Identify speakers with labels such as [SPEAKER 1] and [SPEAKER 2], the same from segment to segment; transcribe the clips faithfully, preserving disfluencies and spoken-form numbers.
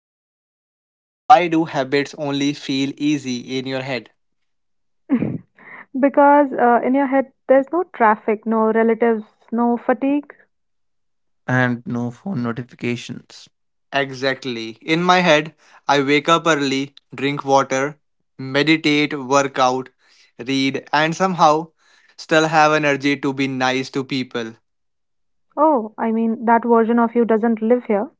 [SPEAKER 1] question. Uh, why do habits only feel easy in your head?
[SPEAKER 2] Because uh, in your head, there's no traffic, no relatives, no fatigue.
[SPEAKER 3] And no phone notifications.
[SPEAKER 1] Exactly. In my head, I wake up early, drink water, meditate, work out, read, and somehow still have energy to be nice to people.
[SPEAKER 2] Oh, I mean, that version of you doesn't live here.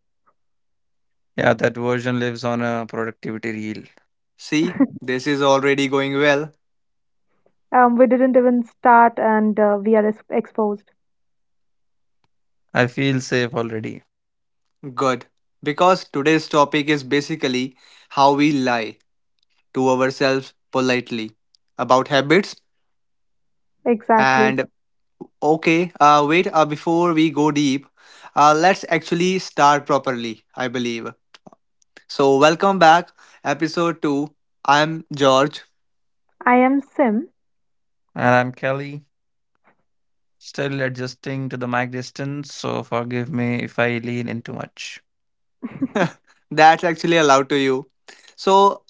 [SPEAKER 3] Yeah, that version lives on a productivity reel.
[SPEAKER 1] See, this is already going well.
[SPEAKER 2] Um, we didn't even start and uh, we are ex- exposed.
[SPEAKER 3] I feel safe already.
[SPEAKER 1] Good. Because today's topic is basically how we lie to ourselves politely about habits
[SPEAKER 2] Exactly.
[SPEAKER 1] and okay, uh, wait, uh, before we go deep, uh, let's actually start properly, I believe. So, welcome back, episode two. I'm George.
[SPEAKER 2] I am Sim.
[SPEAKER 3] And I'm Kelly, still adjusting to the mic distance, so forgive me if I lean in too much.
[SPEAKER 1] That's actually allowed to you. So,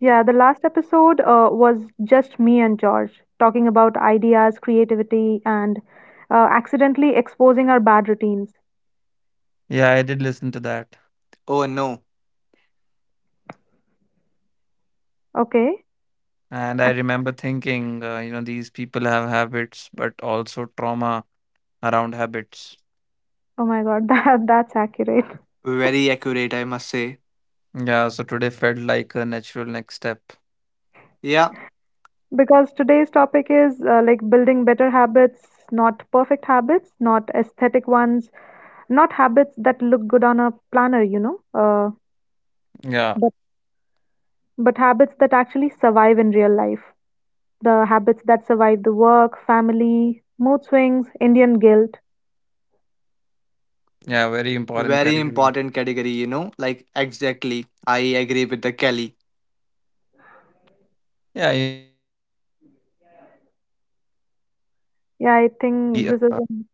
[SPEAKER 2] Yeah, the last episode uh, was just me and George talking about ideas, creativity, and uh, accidentally exposing our bad routines.
[SPEAKER 3] Yeah, I did listen to that.
[SPEAKER 1] oh no,
[SPEAKER 2] Okay.
[SPEAKER 3] And I remember thinking, uh, you know, these people have habits, but also trauma around habits.
[SPEAKER 2] Oh my God, that that's accurate.
[SPEAKER 1] very accurate, I must say.
[SPEAKER 3] Yeah, so today felt like a natural next step.
[SPEAKER 1] Yeah,
[SPEAKER 2] Because today's topic is uh, like building better habits, not perfect habits, not aesthetic ones, not habits that look good on a planner, you know, uh,
[SPEAKER 3] Yeah,
[SPEAKER 2] but but habits that actually survive in real life. The habits that survive the work, family, mood swings, Indian guilt.
[SPEAKER 3] yeah, very important
[SPEAKER 1] very
[SPEAKER 3] category.
[SPEAKER 1] important category, you know, like exactly. I agree with the Kelly.
[SPEAKER 3] Yeah,
[SPEAKER 2] Yeah, I think
[SPEAKER 4] Yeah,
[SPEAKER 2] this is an-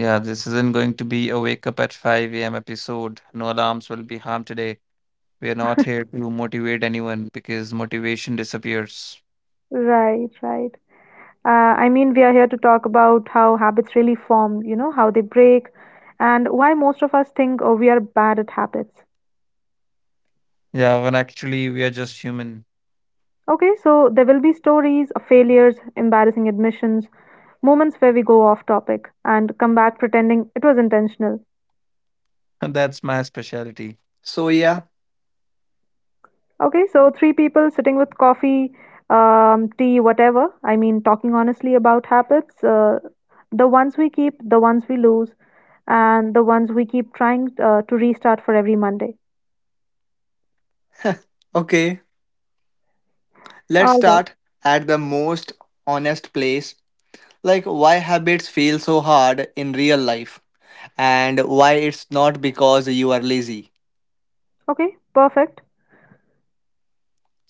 [SPEAKER 4] yeah, this isn't going to be a wake up at five a m episode. No alarms will be harmed today. We are not here to motivate anyone because motivation disappears.
[SPEAKER 2] right, right. Uh, I mean, we are here to talk about how habits really form, you know, how they break, and why most of us think, oh, we are bad at habits.
[SPEAKER 4] Yeah, when actually we are just human.
[SPEAKER 2] Okay, so there will be stories of failures, embarrassing admissions, moments where we go off topic and come back pretending it was intentional.
[SPEAKER 4] That's my specialty.
[SPEAKER 1] So, yeah,
[SPEAKER 2] Okay, so three people sitting with coffee, um, tea, whatever. I mean, talking honestly about habits, uh, the ones we keep, the ones we lose, and the ones we keep trying uh, to restart for every Monday.
[SPEAKER 1] okay, let's
[SPEAKER 2] All right.
[SPEAKER 1] start at the most honest place, like why habits feel so hard in real life and why it's not because you are lazy.
[SPEAKER 2] Okay. Perfect.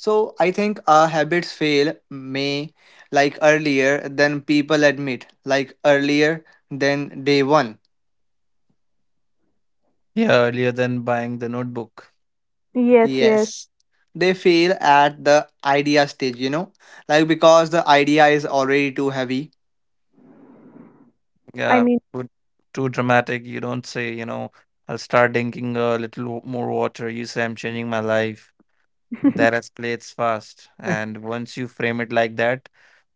[SPEAKER 1] So I think our habits fail, may, like earlier than people admit, like earlier than day one.
[SPEAKER 4] Yeah, earlier than buying the notebook.
[SPEAKER 2] Yes, yes.
[SPEAKER 1] Yes, they fail at the idea stage, you know, like because the idea is already too heavy.
[SPEAKER 2] I
[SPEAKER 4] Yeah,
[SPEAKER 2] mean,
[SPEAKER 4] too, too dramatic. You don't say, you know, I'll start drinking a little more water. You say, I'm changing my life. That escalates fast. And once you frame it like that,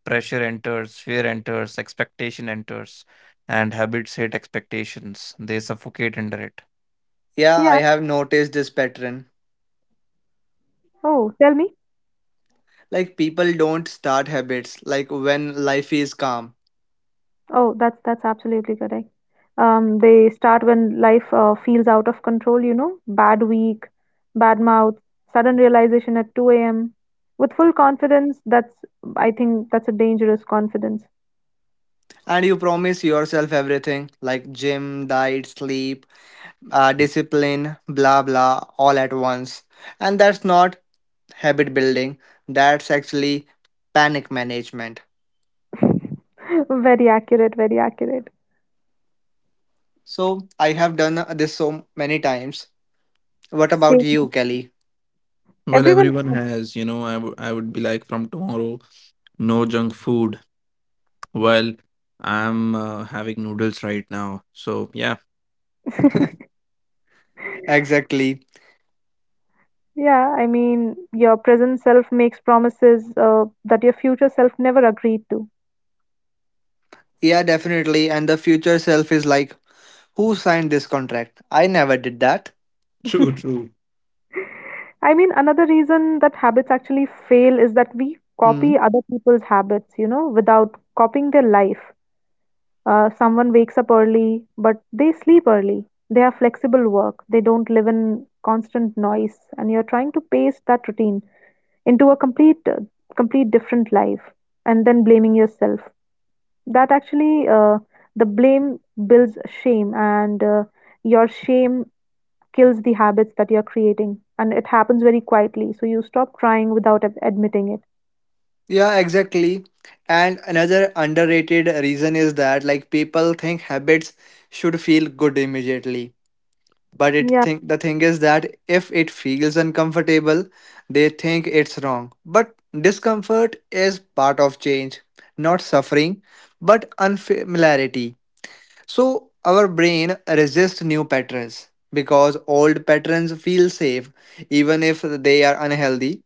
[SPEAKER 4] pressure enters, fear enters, expectation enters, and habits hate expectations. They suffocate under it.
[SPEAKER 1] Yeah, I
[SPEAKER 2] yeah.
[SPEAKER 1] have noticed this pattern.
[SPEAKER 2] Oh, tell me.
[SPEAKER 1] Like people don't start habits like when life is calm.
[SPEAKER 2] Oh, that's that's absolutely correct. Um, they start when life uh, feels out of control, you know, bad week, bad mouth, sudden realization at two a m. With full confidence, that's, I think that's a dangerous confidence.
[SPEAKER 1] And you promise yourself everything like gym, diet, sleep, uh, discipline, blah blah, all at once. And that's not habit building, that's actually panic management.
[SPEAKER 2] Very accurate, very accurate.
[SPEAKER 1] So I have done this so many times. What about
[SPEAKER 2] Same.
[SPEAKER 1] you, Kelly?
[SPEAKER 4] Well,
[SPEAKER 2] Everyone.
[SPEAKER 4] everyone has, you know, I would I would be like from tomorrow, no junk food. Well, I'm uh, having noodles right now. So, yeah.
[SPEAKER 1] Exactly.
[SPEAKER 2] Yeah, I mean, your present self makes promises uh, that your future self never agreed to.
[SPEAKER 1] Yeah, definitely. And the future self is like, who signed this contract? I never did that.
[SPEAKER 4] True, true.
[SPEAKER 2] I mean, another reason that habits actually fail is that we
[SPEAKER 1] Hmm.
[SPEAKER 2] copy other people's habits, you know, without copying their life. Uh, someone wakes up early, but they sleep early. They have flexible work. They don't live in constant noise, and you're trying to paste that routine into a complete, uh, complete different life, and then blaming yourself. That actually uh, the blame builds shame and uh, your shame kills the habits that you're creating, and it happens very quietly, so you stop trying without ad- admitting it.
[SPEAKER 1] Yeah, exactly. And another underrated reason is that like people think habits should feel good immediately. But it
[SPEAKER 2] Yeah.
[SPEAKER 1] think the thing is that if it feels uncomfortable, they think it's wrong. But discomfort is part of change, not suffering, but unfamiliarity. So our brain resists new patterns because old patterns feel safe even if they are unhealthy.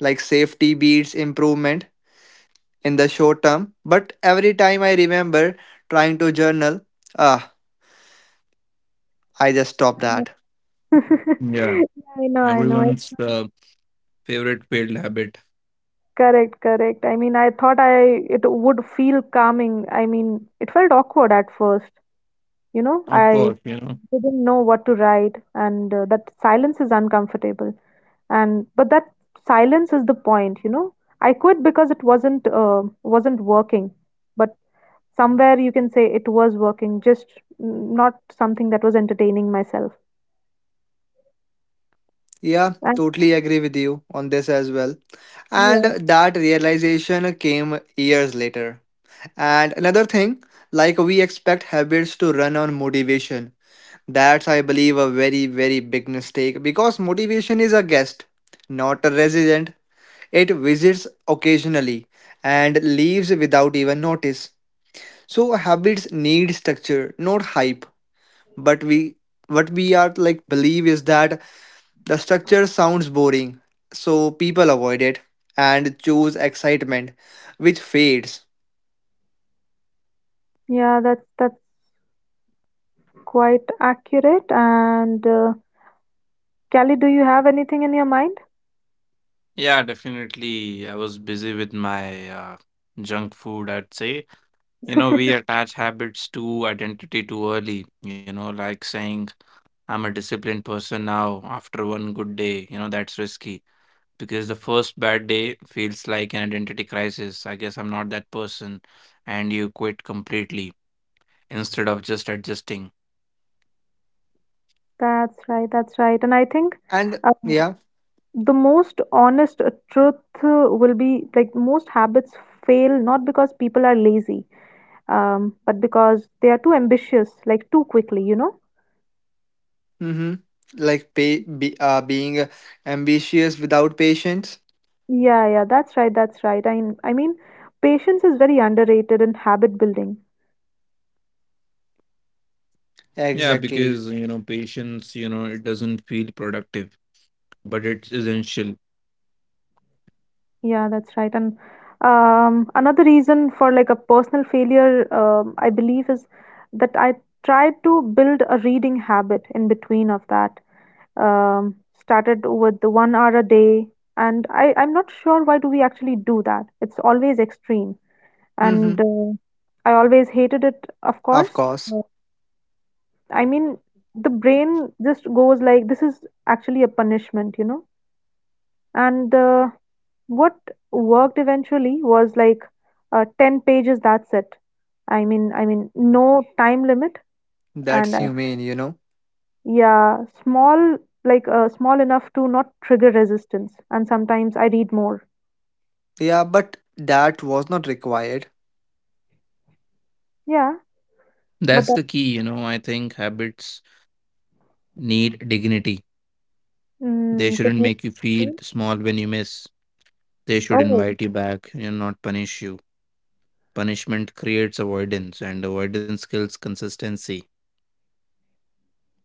[SPEAKER 1] Like safety beats improvement in the short term, but every time I remember trying to journal, ah, I just stop that.
[SPEAKER 4] Yeah.
[SPEAKER 2] I know, I know.
[SPEAKER 4] Everyone's uh, favorite failed habit.
[SPEAKER 2] Correct, correct. I mean, I thought I it would feel calming. I mean, it felt awkward at first. You know,
[SPEAKER 4] Of
[SPEAKER 2] I
[SPEAKER 4] course, you know.
[SPEAKER 2] didn't know what to write, and uh, that silence is uncomfortable. And but that silence is the point, you know. I quit because it wasn't uh, wasn't working, but somewhere you can say it was working, just n- not something that was entertaining myself.
[SPEAKER 1] Yeah,
[SPEAKER 2] And
[SPEAKER 1] totally agree with you on this as well. And
[SPEAKER 2] yeah,
[SPEAKER 1] that realization came years later. And another thing, like we expect habits to run on motivation. That's, I believe, a very, very big mistake because motivation is a guest, not a resident. It visits occasionally and leaves without even notice. So habits need structure, not hype. But we what we are like believe is that the structure sounds boring, so people avoid it and choose excitement, which fades.
[SPEAKER 2] yeah, that's that's quite accurate. And uh, Kelly, do you have anything in your mind?
[SPEAKER 4] Yeah, definitely. I was busy with my uh, junk food, I'd say. You know, we attach habits to identity too early, you know, like saying I'm a disciplined person now after one good day. You know, that's risky because the first bad day feels like an identity crisis. I guess I'm not that person, and you quit completely instead of just adjusting.
[SPEAKER 2] That's right, that's right. And I think
[SPEAKER 1] And
[SPEAKER 2] uh,
[SPEAKER 1] yeah,
[SPEAKER 2] the most honest uh, truth uh, will be like most habits fail not because people are lazy, um, but because they are too ambitious, like too quickly, you know?
[SPEAKER 1] mm-hmm. Like pay, be, uh, being ambitious without patience.
[SPEAKER 2] Yeah, yeah, that's right, that's right. I, I mean, patience is very underrated in habit building.
[SPEAKER 4] Yeah, because, you know,
[SPEAKER 1] Exactly.
[SPEAKER 4] patience, you know, it doesn't feel productive, but it's essential.
[SPEAKER 2] Yeah, that's right. And um, another reason for like a personal failure, um, I believe, is that I tried to build a reading habit in between of that. Um, started with the one hour a day, and I, I'm not sure why do we actually do that. It's always extreme,
[SPEAKER 1] Mm-hmm.
[SPEAKER 2] and uh, I always hated it, of
[SPEAKER 1] Of
[SPEAKER 2] course.
[SPEAKER 1] course,
[SPEAKER 2] I mean, the brain just goes like, this is actually a punishment, you know? And uh, what worked eventually was like uh, ten pages, that's it. I mean, I mean, no time limit, and
[SPEAKER 1] that's
[SPEAKER 2] uh,
[SPEAKER 1] humane, you know.
[SPEAKER 2] yeah, small, like uh, small enough to not trigger resistance. And sometimes I read more.
[SPEAKER 1] Yeah, but that was not required.
[SPEAKER 2] Yeah,
[SPEAKER 4] That's
[SPEAKER 2] but
[SPEAKER 4] the
[SPEAKER 2] that,
[SPEAKER 4] key. You know, I think habits need dignity. They
[SPEAKER 2] mm,
[SPEAKER 4] shouldn't
[SPEAKER 2] can you
[SPEAKER 4] make you feel
[SPEAKER 2] explain?
[SPEAKER 4] small when you miss. They should
[SPEAKER 2] Oh,
[SPEAKER 4] invite you back and not punish you. Punishment creates avoidance, and avoidance kills consistency.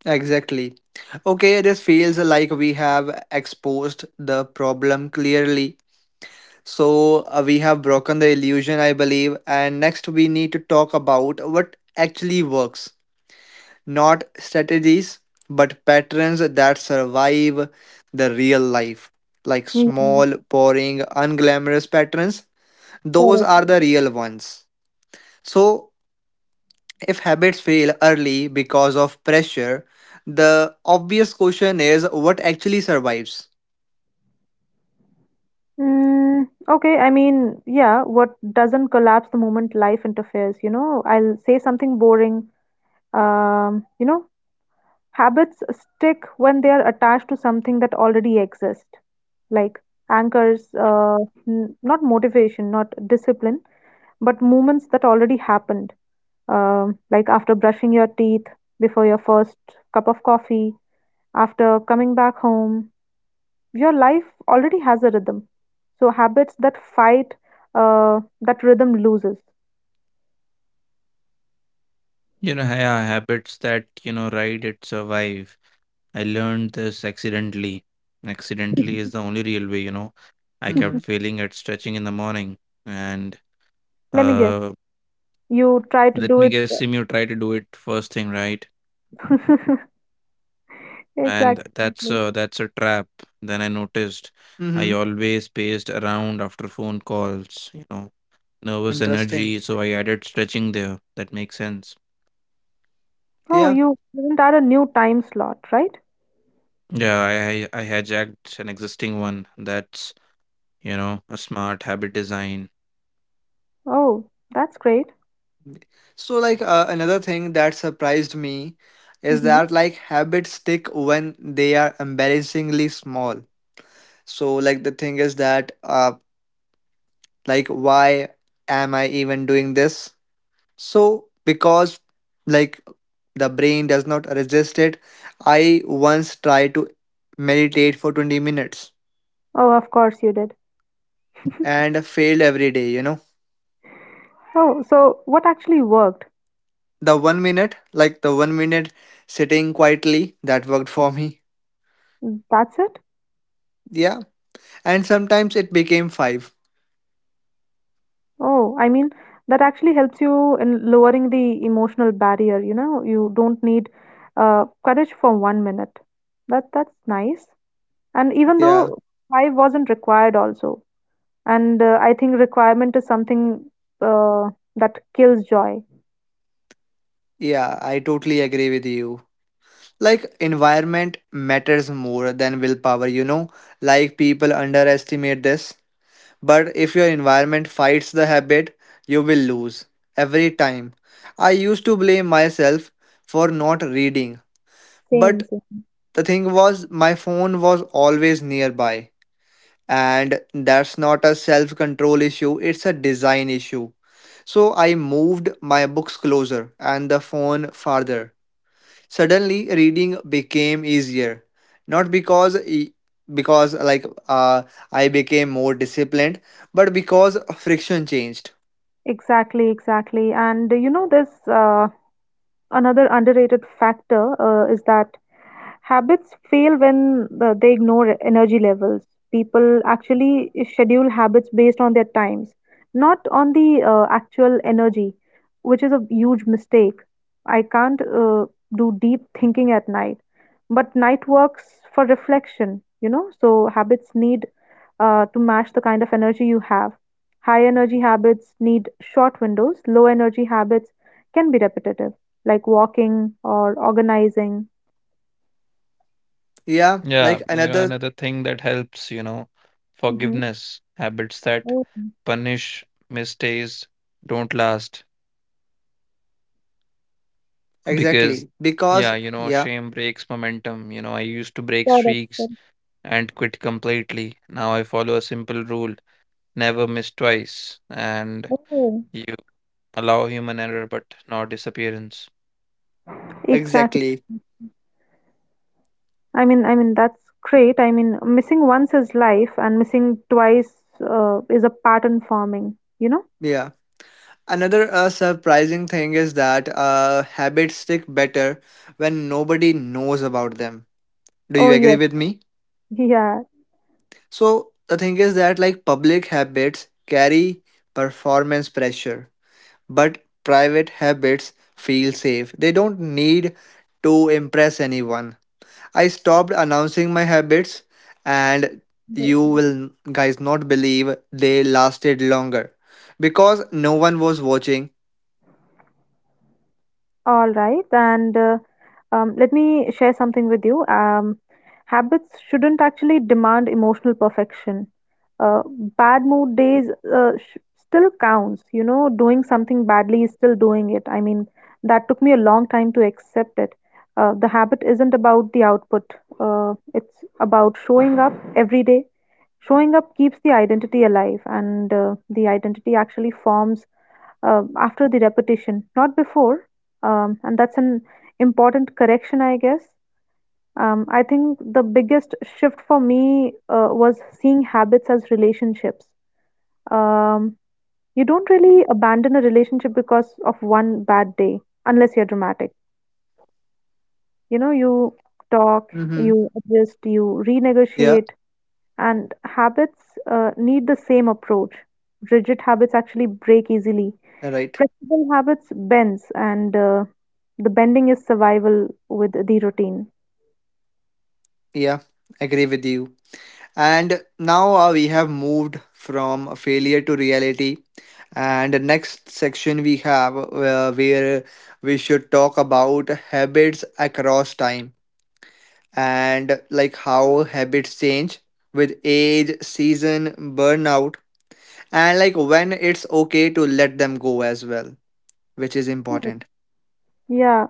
[SPEAKER 1] Exactly. Okay, this feels like we have exposed the problem clearly. So, uh, we have broken the illusion, I believe. And next, we need to talk about what actually works. Not strategies, but patterns that survive the real life. Like
[SPEAKER 2] yeah,
[SPEAKER 1] small, boring, unglamorous patterns. Those
[SPEAKER 2] correct.
[SPEAKER 1] are the real ones. So, if habits fail early because of pressure, the obvious question is what actually survives?
[SPEAKER 2] Mm, okay, I mean, yeah, what doesn't collapse the moment life interferes, you know? I'll say something boring. Um, you know, habits stick when they are attached to something that already exists, like anchors, uh, n not motivation, not discipline, but movements that already happened, um, like after brushing your teeth, before your first cup of coffee, after coming back home, your life already has a rhythm. So habits that fight uh, that rhythm loses.
[SPEAKER 4] You know, yeah, habits that, you know, ride it survive. I learned this accidentally. Accidentally is the only real way, you know. I
[SPEAKER 1] Mm-hmm.
[SPEAKER 4] kept failing at stretching in the morning. And
[SPEAKER 2] Let me guess.
[SPEAKER 4] uh,
[SPEAKER 2] You try to
[SPEAKER 4] let
[SPEAKER 2] do
[SPEAKER 4] me
[SPEAKER 2] it.
[SPEAKER 4] guess, Sim, you try to do it first thing, right? And
[SPEAKER 2] Exactly.
[SPEAKER 4] that's a, that's a trap. Then I noticed I
[SPEAKER 1] Mm-hmm.
[SPEAKER 4] always paced around after phone calls, you know. Nervous
[SPEAKER 1] Interesting.
[SPEAKER 4] energy, so I added stretching there. That makes sense.
[SPEAKER 2] Oh,
[SPEAKER 1] Yeah.
[SPEAKER 2] you didn't add a new time slot, right?
[SPEAKER 4] Yeah, I I I hijacked an existing one. That's, you know, a smart habit design.
[SPEAKER 2] Oh, that's great.
[SPEAKER 1] So, like, uh, another thing that surprised me is
[SPEAKER 2] Hmm.
[SPEAKER 1] that, like, habits stick when they are embarrassingly small. So, like, the thing is that, uh, like, why am I even doing this? So, because like the brain does not resist it, I once tried to meditate for 20 minutes
[SPEAKER 2] Oh, of course you did.
[SPEAKER 1] and failed every day, you know.
[SPEAKER 2] Oh, so what actually worked?
[SPEAKER 1] The one minute, like the one minute sitting quietly, that worked for me.
[SPEAKER 2] That's it?
[SPEAKER 1] Yeah. And sometimes it became five.
[SPEAKER 2] Oh, I mean, that actually helps you in lowering the emotional barrier, you know? You don't need uh, courage for one minute. That that's nice. And even though
[SPEAKER 1] Yeah.
[SPEAKER 2] five wasn't required also, and uh, I think requirement is something uh, that kills joy.
[SPEAKER 1] Yeah. I totally agree with you. Like, environment matters more than willpower, you know. Like, people underestimate this. But if your environment fights the habit, you will lose every time. I used to blame myself for not reading,
[SPEAKER 2] Same,
[SPEAKER 1] but
[SPEAKER 2] same.
[SPEAKER 1] the thing was, my phone was always nearby, and that's not a self control issue, it's a design issue. So I moved my books closer and the phone farther. Suddenly, reading became easier. Not because e- because like, uh, I became more disciplined, but because friction changed.
[SPEAKER 2] Exactly, exactly. And uh, you know this uh, another underrated factor uh, is that habits fail when uh, they ignore energy levels. People actually schedule habits based on their times, not on the uh, actual energy, which is a huge mistake. I can't uh, do deep thinking at night, but night works for reflection, you know, so habits need uh, to match the kind of energy you have. High energy habits need short windows, low energy habits can be repetitive, like walking or organizing.
[SPEAKER 1] Yeah,
[SPEAKER 4] Yeah,
[SPEAKER 1] like
[SPEAKER 4] you know,
[SPEAKER 1] another,
[SPEAKER 4] another thing that helps, you know,
[SPEAKER 2] Mm-hmm.
[SPEAKER 4] forgiveness, habits that
[SPEAKER 2] Oh,
[SPEAKER 4] punish mistakes don't last. Because,
[SPEAKER 1] exactly, because,
[SPEAKER 4] yeah, you know,
[SPEAKER 1] yeah,
[SPEAKER 4] shame breaks momentum. You know, I used to break
[SPEAKER 2] got it. Got
[SPEAKER 4] streaks
[SPEAKER 2] it.
[SPEAKER 4] and quit completely. Now I follow a simple rule: never miss twice. And
[SPEAKER 2] Oh,
[SPEAKER 4] you allow human error, but not disappearance.
[SPEAKER 2] exactly.
[SPEAKER 1] exactly,
[SPEAKER 2] I mean, I mean that's great. I mean, missing once is life, and missing twice uh, is a pattern forming. You know?
[SPEAKER 1] yeah. Another uh, surprising thing is that uh, habits stick better when nobody knows about them. Do
[SPEAKER 2] Oh
[SPEAKER 1] you agree
[SPEAKER 2] yes,
[SPEAKER 1] with me? So the thing is that like public habits carry performance pressure. But private habits feel safe. They don't need to impress anyone. I stopped announcing my habits and
[SPEAKER 2] yeah.
[SPEAKER 1] you will guys not believe they lasted longer because no one was watching.
[SPEAKER 2] All right, and uh, um, let me share something with you. Um, habits shouldn't actually demand emotional perfection. Uh, Bad mood days uh, sh- still counts. You know, doing something badly is still doing it. I mean, that took me a long time to accept it. Uh, the habit isn't about the output. Uh, it's about showing up every day. Showing up keeps the identity alive, and uh, the identity actually forms uh, after the repetition, not before. Um, and that's an important correction, I guess. Um, I think the biggest shift for me uh, was seeing habits as relationships. Um, you don't really abandon a relationship because of one bad day, unless you're dramatic. You know, you talk,
[SPEAKER 1] Mhm.
[SPEAKER 2] you adjust, you
[SPEAKER 1] Yeah,
[SPEAKER 2] renegotiate, and habits uh, need the same approach. Rigid habits actually break easily.
[SPEAKER 1] right.
[SPEAKER 2] Flexible habits bends, and uh, the bending is survival with the routine.
[SPEAKER 1] Yeah, agree with you. And now uh, we have moved from failure to reality. And the next section we have, uh, where we should talk about habits across time, and like how habits change with age, season, burnout, and like when it's okay to let them go as well, which is
[SPEAKER 2] Oh,
[SPEAKER 1] important.
[SPEAKER 2] yeah.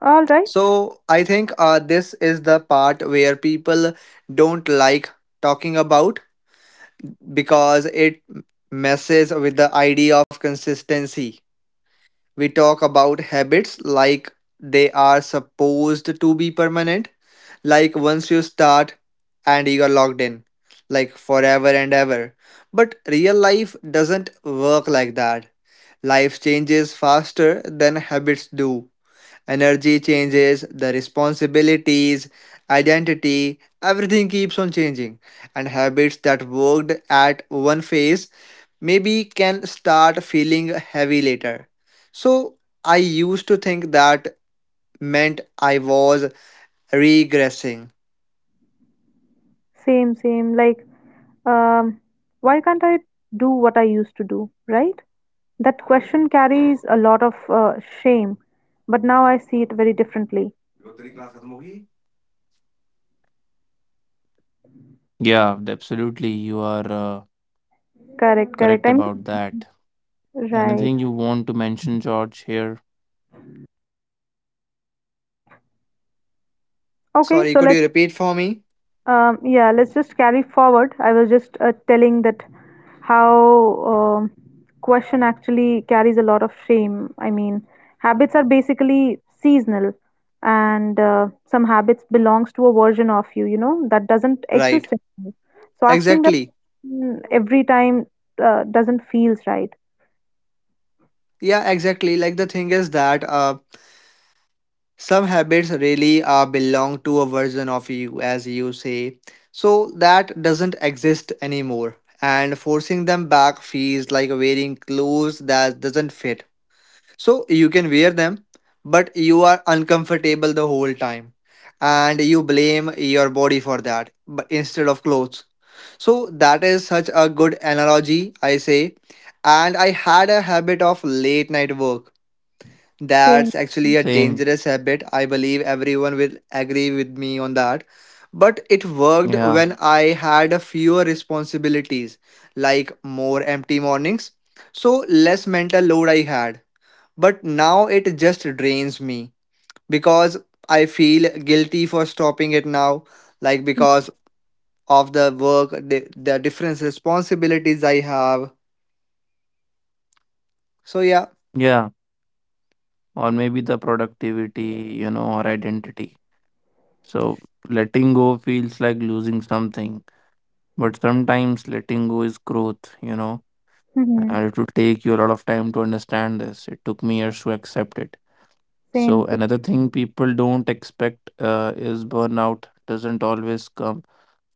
[SPEAKER 2] All right.
[SPEAKER 1] So I think uh, this is the part where people don't like talking about because it messes with the idea of consistency. We talk about habits like they are supposed to be permanent, like once you start and you are locked in, like forever and ever. But real life doesn't work like that. Life changes faster than habits do. Energy changes, the responsibilities, identity, everything keeps on changing. And habits that worked at one phase maybe can start feeling heavy later. So I used to think that meant I was regressing.
[SPEAKER 2] Same, same. Like, um, why can't I do what I used to do, right? That question carries a lot of uh, shame, but now I see it very differently.
[SPEAKER 4] Yeah, absolutely. You are uh,
[SPEAKER 2] Correct, correct.
[SPEAKER 4] correct
[SPEAKER 2] I
[SPEAKER 4] about that.
[SPEAKER 2] mean, right.
[SPEAKER 4] Anything you want to mention, George, here?
[SPEAKER 2] Okay,
[SPEAKER 1] Sorry,
[SPEAKER 2] so
[SPEAKER 1] could you
[SPEAKER 2] let's
[SPEAKER 1] repeat for me?
[SPEAKER 2] Um, yeah, let's just carry forward. I was just uh, telling that how um question actually carries a lot of shame. I mean, habits are basically seasonal, and uh, some habits belongs to a version of you, you know, that doesn't
[SPEAKER 1] Right.
[SPEAKER 2] exist anymore. So asking that
[SPEAKER 1] Exactly.
[SPEAKER 2] question every time uh, doesn't feels right.
[SPEAKER 1] Yeah, exactly. Like the thing is that, uh some habits really are belong to a version of you as you say, so that doesn't exist anymore, and forcing them back feels like wearing clothes that doesn't fit. So you can wear them, but you are uncomfortable the whole time, and you blame your body for that but instead of clothes. So that is such a good analogy, I say. And I had a habit of late night work.
[SPEAKER 2] Same.
[SPEAKER 1] That's actually
[SPEAKER 4] Same.
[SPEAKER 1] a dangerous habit. I believe everyone will agree with me on that. But it
[SPEAKER 4] Yeah.
[SPEAKER 1] worked when I had a fewer responsibilities, like more empty mornings. So less mental load I had. But now it just drains me because I feel guilty for stopping it now, like because of the work, the, the different responsibilities I have. So yeah,
[SPEAKER 4] Yeah. Or maybe the productivity, you know, or identity. So letting go feels like losing something. But sometimes letting go is growth, you know,
[SPEAKER 2] Mhm.
[SPEAKER 4] and it would take you a lot of time to understand this. It took me years to accept it.
[SPEAKER 2] Same.
[SPEAKER 4] So, another thing people don't expect uh, is burnout doesn't always come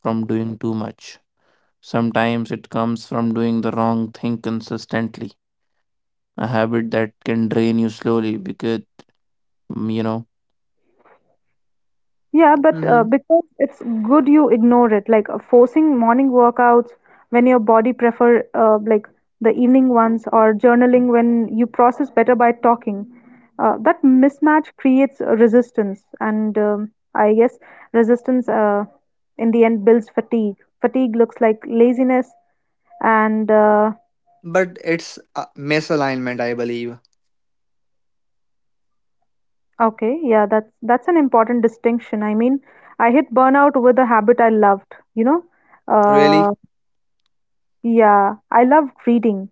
[SPEAKER 4] from doing too much. Sometimes it comes from doing the wrong thing consistently, a habit that can drain you slowly because, mm, you know,
[SPEAKER 2] Yeah, but uh,
[SPEAKER 1] hmm
[SPEAKER 2] because it's good you ignore it, like uh, forcing morning workouts when your body prefer uh, like the evening ones, or journaling when you process better by talking. Uh, that mismatch creates uh, resistance, and um, I guess resistance uh, in the end builds fatigue. Fatigue looks like laziness, and uh,
[SPEAKER 1] but it's a misalignment, I believe.
[SPEAKER 2] okay, yeah, that's that's an important distinction. I mean, I hit burnout with a habit I loved, you know.
[SPEAKER 1] Really?
[SPEAKER 2] Uh. Yeah, I loved reading.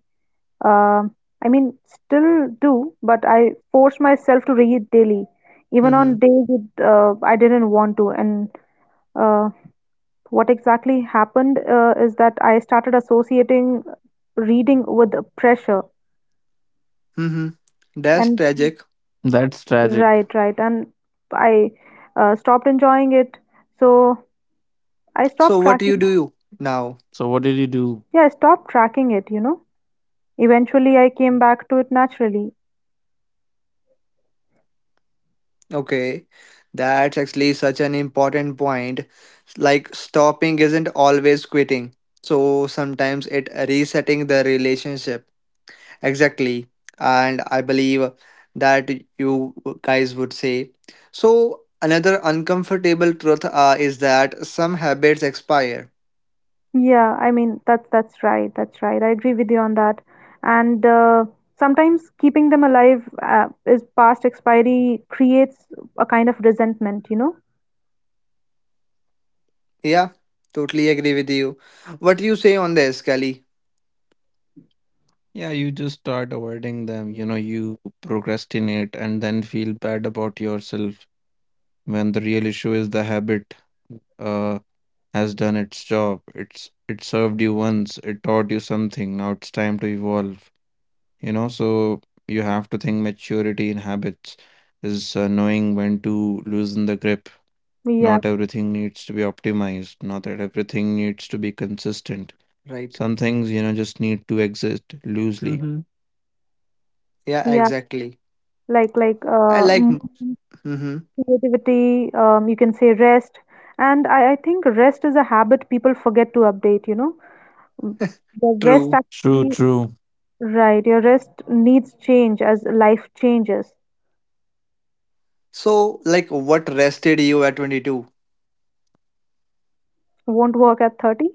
[SPEAKER 2] Um, I mean, still do, but I force myself to read daily, even on
[SPEAKER 1] Hmm.
[SPEAKER 2] days it, uh, I didn't want to. And uh, what exactly happened uh, is that I started associating reading with pressure.
[SPEAKER 1] Mm-hmm. That's
[SPEAKER 2] And
[SPEAKER 4] that's
[SPEAKER 1] tragic.
[SPEAKER 4] tragic.
[SPEAKER 2] right, right. And I uh, stopped enjoying it. So I
[SPEAKER 1] So
[SPEAKER 2] stopped
[SPEAKER 1] what
[SPEAKER 4] So,
[SPEAKER 1] you
[SPEAKER 4] what
[SPEAKER 2] tracking.
[SPEAKER 4] did you
[SPEAKER 1] do
[SPEAKER 4] do?
[SPEAKER 1] now?
[SPEAKER 2] Yeah, I stopped tracking it, you know. Eventually, I came back to it naturally.
[SPEAKER 1] Okay. That's actually such an important point. Like stopping isn't always quitting. So sometimes it resetting the relationship. Exactly. And I believe that you guys would say. So another uncomfortable truth, uh, is that some habits expire.
[SPEAKER 2] Yeah, I mean that's that's right. That's right. I agree with you on that. And uh, sometimes keeping them alive uh, is past expiry creates a kind of resentment, you know?
[SPEAKER 1] Yeah, totally agree with you. What do you say on this, Kelly?
[SPEAKER 4] Yeah, you just start avoiding them. You know, you procrastinate and then feel bad about yourself when the real issue is the habit uh, has done its job. It's it served you once, it taught you something. Now it's time to evolve. You know, so you have to think maturity in habits is uh, knowing when to loosen the grip. Not
[SPEAKER 2] Yeah,
[SPEAKER 4] everything needs to be optimized. Not that everything needs to be consistent.
[SPEAKER 1] Right.
[SPEAKER 4] Some things, you know, just need to exist loosely.
[SPEAKER 1] Mm-hmm. Yeah,
[SPEAKER 2] yeah.
[SPEAKER 1] exactly.
[SPEAKER 2] Like like
[SPEAKER 1] I
[SPEAKER 2] uh,
[SPEAKER 1] like,
[SPEAKER 2] movement,
[SPEAKER 1] mm-hmm,
[SPEAKER 2] creativity. Um, you can say rest. And I, I think rest is a habit people forget to update, you know? Mm, the rest
[SPEAKER 1] true.
[SPEAKER 4] True,
[SPEAKER 2] actually,
[SPEAKER 4] true.
[SPEAKER 2] right, your rest needs change as life changes.
[SPEAKER 1] So, like, what rested you at twenty-two?
[SPEAKER 2] Won't work at thirty.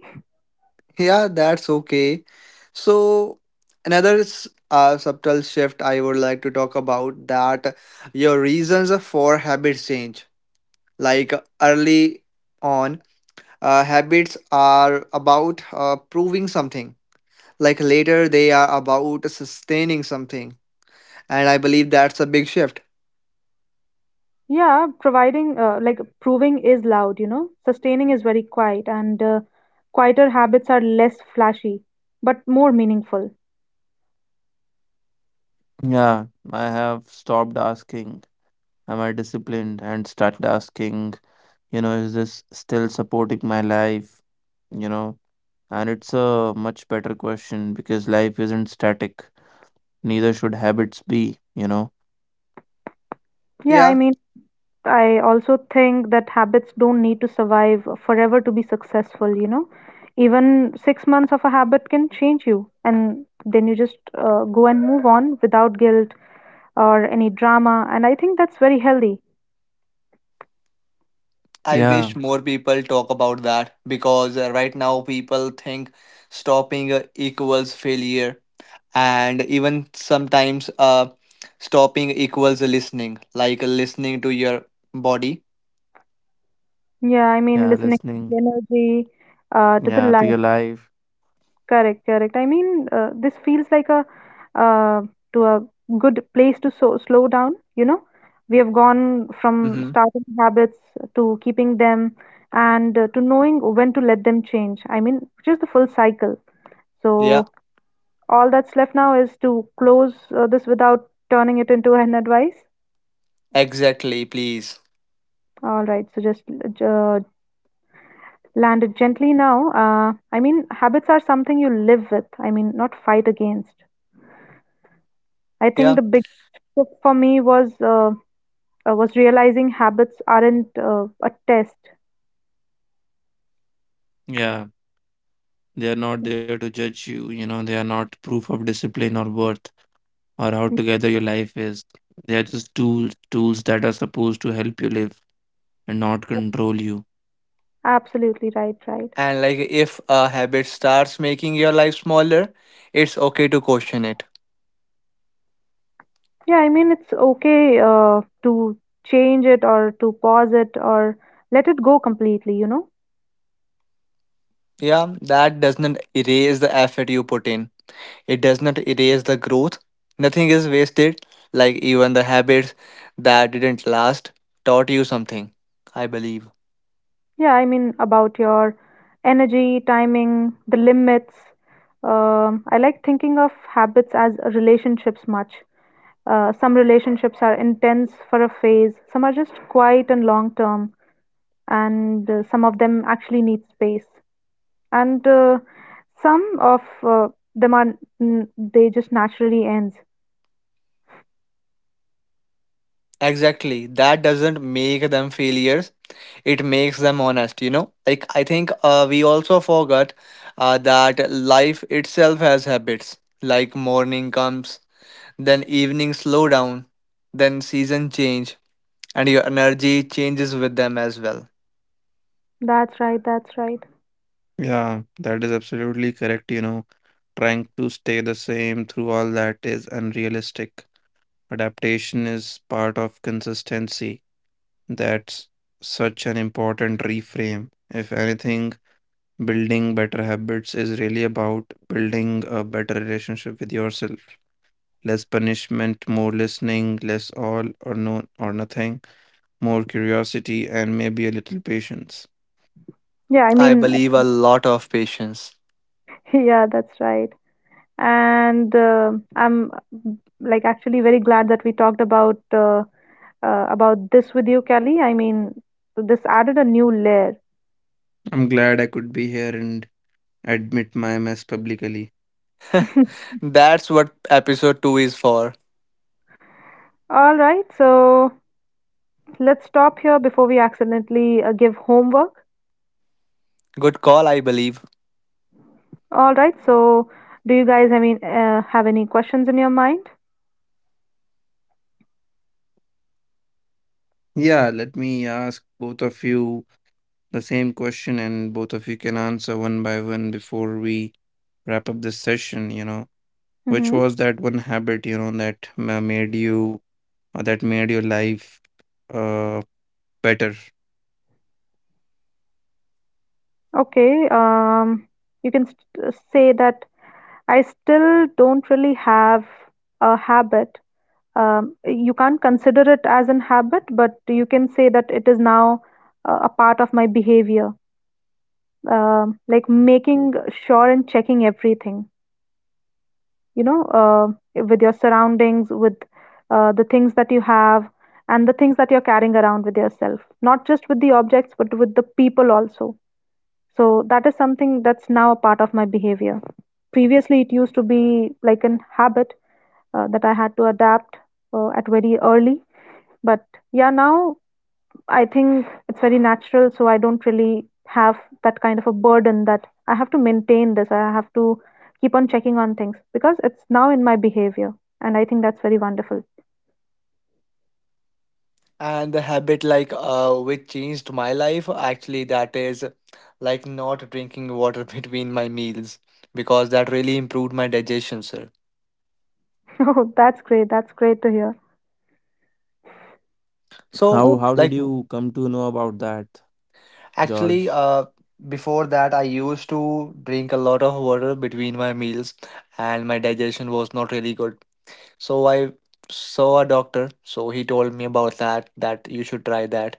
[SPEAKER 1] Yeah, that's okay. So, another s- uh, subtle shift I would like to talk about that your reasons for habit change. Like, early on, uh, habits are about uh, proving something. Like, later, they are about sustaining something. And I believe that's a big shift.
[SPEAKER 2] Yeah, providing uh, like proving is loud, you know. Sustaining is very quiet, and uh, quieter habits are less flashy, but more meaningful.
[SPEAKER 4] Yeah, I have stopped asking, "Am I disciplined?" and started asking, you know, is this still supporting my life? You know, and it's a much better question because life isn't static, neither should habits be, you know.
[SPEAKER 2] Yeah, I
[SPEAKER 1] Yeah,
[SPEAKER 2] mean, I also think that habits don't need to survive forever to be successful, you know. Even six months of a habit can change you, and then you just uh, go and move on without guilt or any drama. And I think that's very healthy.
[SPEAKER 1] I
[SPEAKER 4] Yeah,
[SPEAKER 1] wish more people talk about that because, uh, right now people think stopping uh, equals failure, and even sometimes uh, stopping equals listening, like listening to your body.
[SPEAKER 2] Yeah, I mean,
[SPEAKER 4] yeah,
[SPEAKER 2] listening to the
[SPEAKER 4] listening,
[SPEAKER 2] energy, uh, to the
[SPEAKER 4] yeah, to
[SPEAKER 2] life.
[SPEAKER 4] your life.
[SPEAKER 2] Correct, correct. I mean, uh, this feels like a uh, to a good place to so slow down. You know, we have gone from
[SPEAKER 1] Mm-hmm.
[SPEAKER 2] starting habits to keeping them, and uh, to knowing when to let them change. I mean, which is the full cycle.
[SPEAKER 1] Yeah,
[SPEAKER 2] So all that's left now is to close uh, this without turning it into an advice.
[SPEAKER 1] exactly. Please.
[SPEAKER 2] All right, so just uh, land it gently now. Uh, I mean, habits are something you live with. I mean, not fight against. I think
[SPEAKER 1] Yeah,
[SPEAKER 2] the big shift for me was uh, uh, was realizing habits aren't uh, a test.
[SPEAKER 4] Yeah, they are not there to judge you. You know, they are not proof of discipline or worth or how together your life is. They are just tools, tools that are supposed to help you live and not control you.
[SPEAKER 2] Absolutely right, right.
[SPEAKER 1] and like if a habit starts making your life smaller, it's okay to question it.
[SPEAKER 2] Yeah, I mean it's okay uh, to change it or to pause it or let it go completely, you know?
[SPEAKER 1] Yeah, that does not erase the effort you put in. It does not erase the growth. Nothing is wasted, like even the habits that didn't last taught you something, I believe.
[SPEAKER 2] Yeah, I mean about your energy, timing, the limits. Um, I like thinking of habits as relationships much. Uh, some relationships are intense for a phase, some are just quiet and long term. And uh, some of them actually need space, and uh, some of uh, them are n- they just naturally ends.
[SPEAKER 1] Exactly. That doesn't make them failures. It makes them honest, you know? Like, I think, uh, we also forgot uh, that life itself has habits. Like, morning comes, then evening slow down, then season change, and your energy changes with them as well.
[SPEAKER 2] That's right, that's right.
[SPEAKER 4] Yeah, that is absolutely correct. You know, trying to stay the same through all that is unrealistic. Adaptation is part of consistency. That's such an important reframe. If anything, building better habits is really about building a better relationship with yourself. Less punishment, more listening, less all or no or nothing, more curiosity, and maybe a little patience.
[SPEAKER 2] Yeah, I
[SPEAKER 1] I
[SPEAKER 2] mean
[SPEAKER 1] believe a lot of patience.
[SPEAKER 2] yeah, that's right. And uh, I'm uh, like actually very glad that we talked about uh, uh, about this with you, Kelly. I mean, this added a new layer.
[SPEAKER 4] I'm glad I could be here and admit my mess publicly.
[SPEAKER 1] That's what episode two is for.
[SPEAKER 2] All right, so let's stop here before we accidentally uh, give homework.
[SPEAKER 1] Good call, I believe.
[SPEAKER 2] All right. So, do you guys, I mean, uh, have any questions in your mind?
[SPEAKER 4] Yeah, let me ask both of you the same question, and both of you can answer one by one before we wrap up this session, you know. Which
[SPEAKER 2] Mm-hmm.
[SPEAKER 4] was that one habit, you know, that ma- made you or that made your life uh better?
[SPEAKER 2] Okay. Um, you can st- say that I still don't really have a habit. Um, you can't consider it as an habit, but you can say that it is now uh, a part of my behavior. Um like making sure and checking everything, you know, uh, with your surroundings, with uh, the things that you have, and the things that you're carrying around with yourself, not just with the objects, but with the people also. So that is something that's now a part of my behavior. Previously, it used to be like an habit uh, that I had to adapt uh, at very early, but yeah, now I think it's very natural, so I don't really have that kind of a burden that I have to maintain this, I have to keep on checking on things because it's now in my behavior. And I think that's very wonderful.
[SPEAKER 1] And the habit, like, uh which changed my life actually, that is like not drinking water between my meals, because that really improved my digestion, sir.
[SPEAKER 2] Oh, that's great. That's great to hear.
[SPEAKER 1] So
[SPEAKER 4] How
[SPEAKER 2] Oh,
[SPEAKER 4] how did
[SPEAKER 1] like
[SPEAKER 4] you come to know about that,
[SPEAKER 1] actually,
[SPEAKER 4] George?
[SPEAKER 1] uh before that I used to drink a lot of water between my meals and my digestion was not really good. So I saw a doctor, so he told me about that, that you should try that.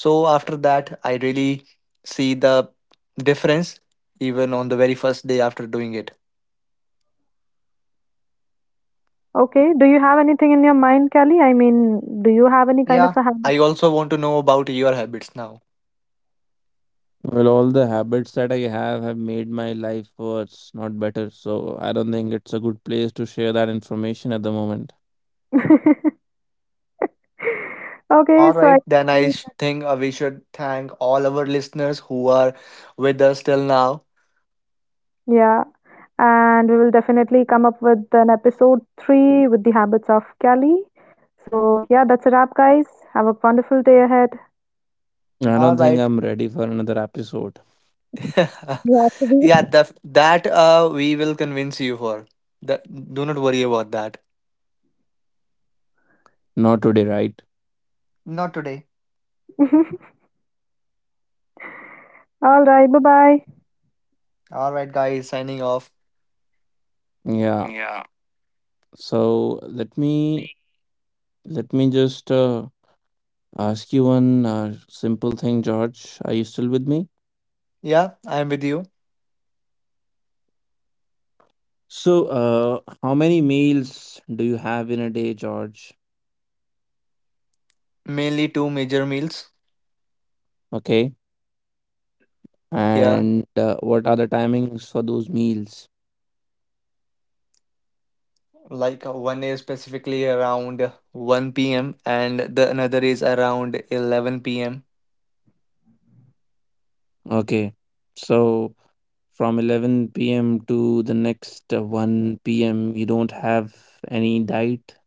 [SPEAKER 1] So after that, I really see the difference even on the very first day after doing it.
[SPEAKER 2] okay. Do you have anything in your mind, Kelly? I mean, do you have any kind of
[SPEAKER 1] Yeah.
[SPEAKER 2] a habit?
[SPEAKER 1] I also want to know about your habits now.
[SPEAKER 4] Well, all the habits that I have have made my life worse, not better. So I don't think it's a good place to share that information at the moment.
[SPEAKER 2] Okay,
[SPEAKER 1] All
[SPEAKER 2] so I
[SPEAKER 1] right. Then I
[SPEAKER 2] think
[SPEAKER 1] sh- think uh, we should thank all our listeners who are with us till now.
[SPEAKER 2] yeah, and we will definitely come up with an episode three with the habits of Cali. So, yeah, that's a wrap, guys. Have a wonderful day ahead.
[SPEAKER 4] I
[SPEAKER 1] All
[SPEAKER 4] don't think
[SPEAKER 1] right.
[SPEAKER 4] I'm ready for another episode.
[SPEAKER 2] You have
[SPEAKER 1] Yeah,
[SPEAKER 2] to
[SPEAKER 1] the, that, uh, we will convince you for. That, do not worry about that.
[SPEAKER 4] Not today, right?
[SPEAKER 1] Not today.
[SPEAKER 2] be. All right, bye bye.
[SPEAKER 1] All right, guys, signing off.
[SPEAKER 4] Yeah.
[SPEAKER 1] Yeah.
[SPEAKER 4] So let me Let me just uh, ask you one uh, simple thing, George. Are you still with me?
[SPEAKER 1] Yeah, I'm with you.
[SPEAKER 4] So, uh, how many meals do you have in a day, George?
[SPEAKER 1] Mainly two major meals.
[SPEAKER 4] Okay.
[SPEAKER 1] Yeah,
[SPEAKER 4] And uh, what are the timings for those meals?
[SPEAKER 1] like, uh, one is specifically around one p m and the another is around eleven p m.
[SPEAKER 4] Okay. So, from eleven p m to the next uh, one p m, you don't have any diet?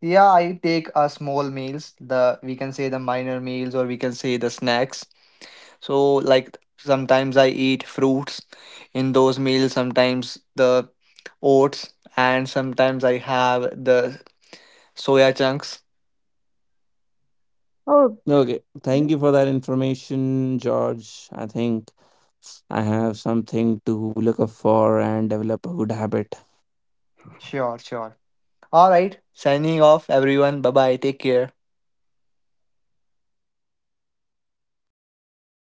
[SPEAKER 1] Yeah, I take a small meals, the we can say the minor meals, or we can say the snacks. So like sometimes I eat fruits in those meals, sometimes the oats, and sometimes I have the soya chunks.
[SPEAKER 2] Oh,
[SPEAKER 4] Okay. Thank you for that information, George. I think I have something to look up for and develop a good habit.
[SPEAKER 1] Sure, sure. All right, signing off everyone. Bye bye. Take care.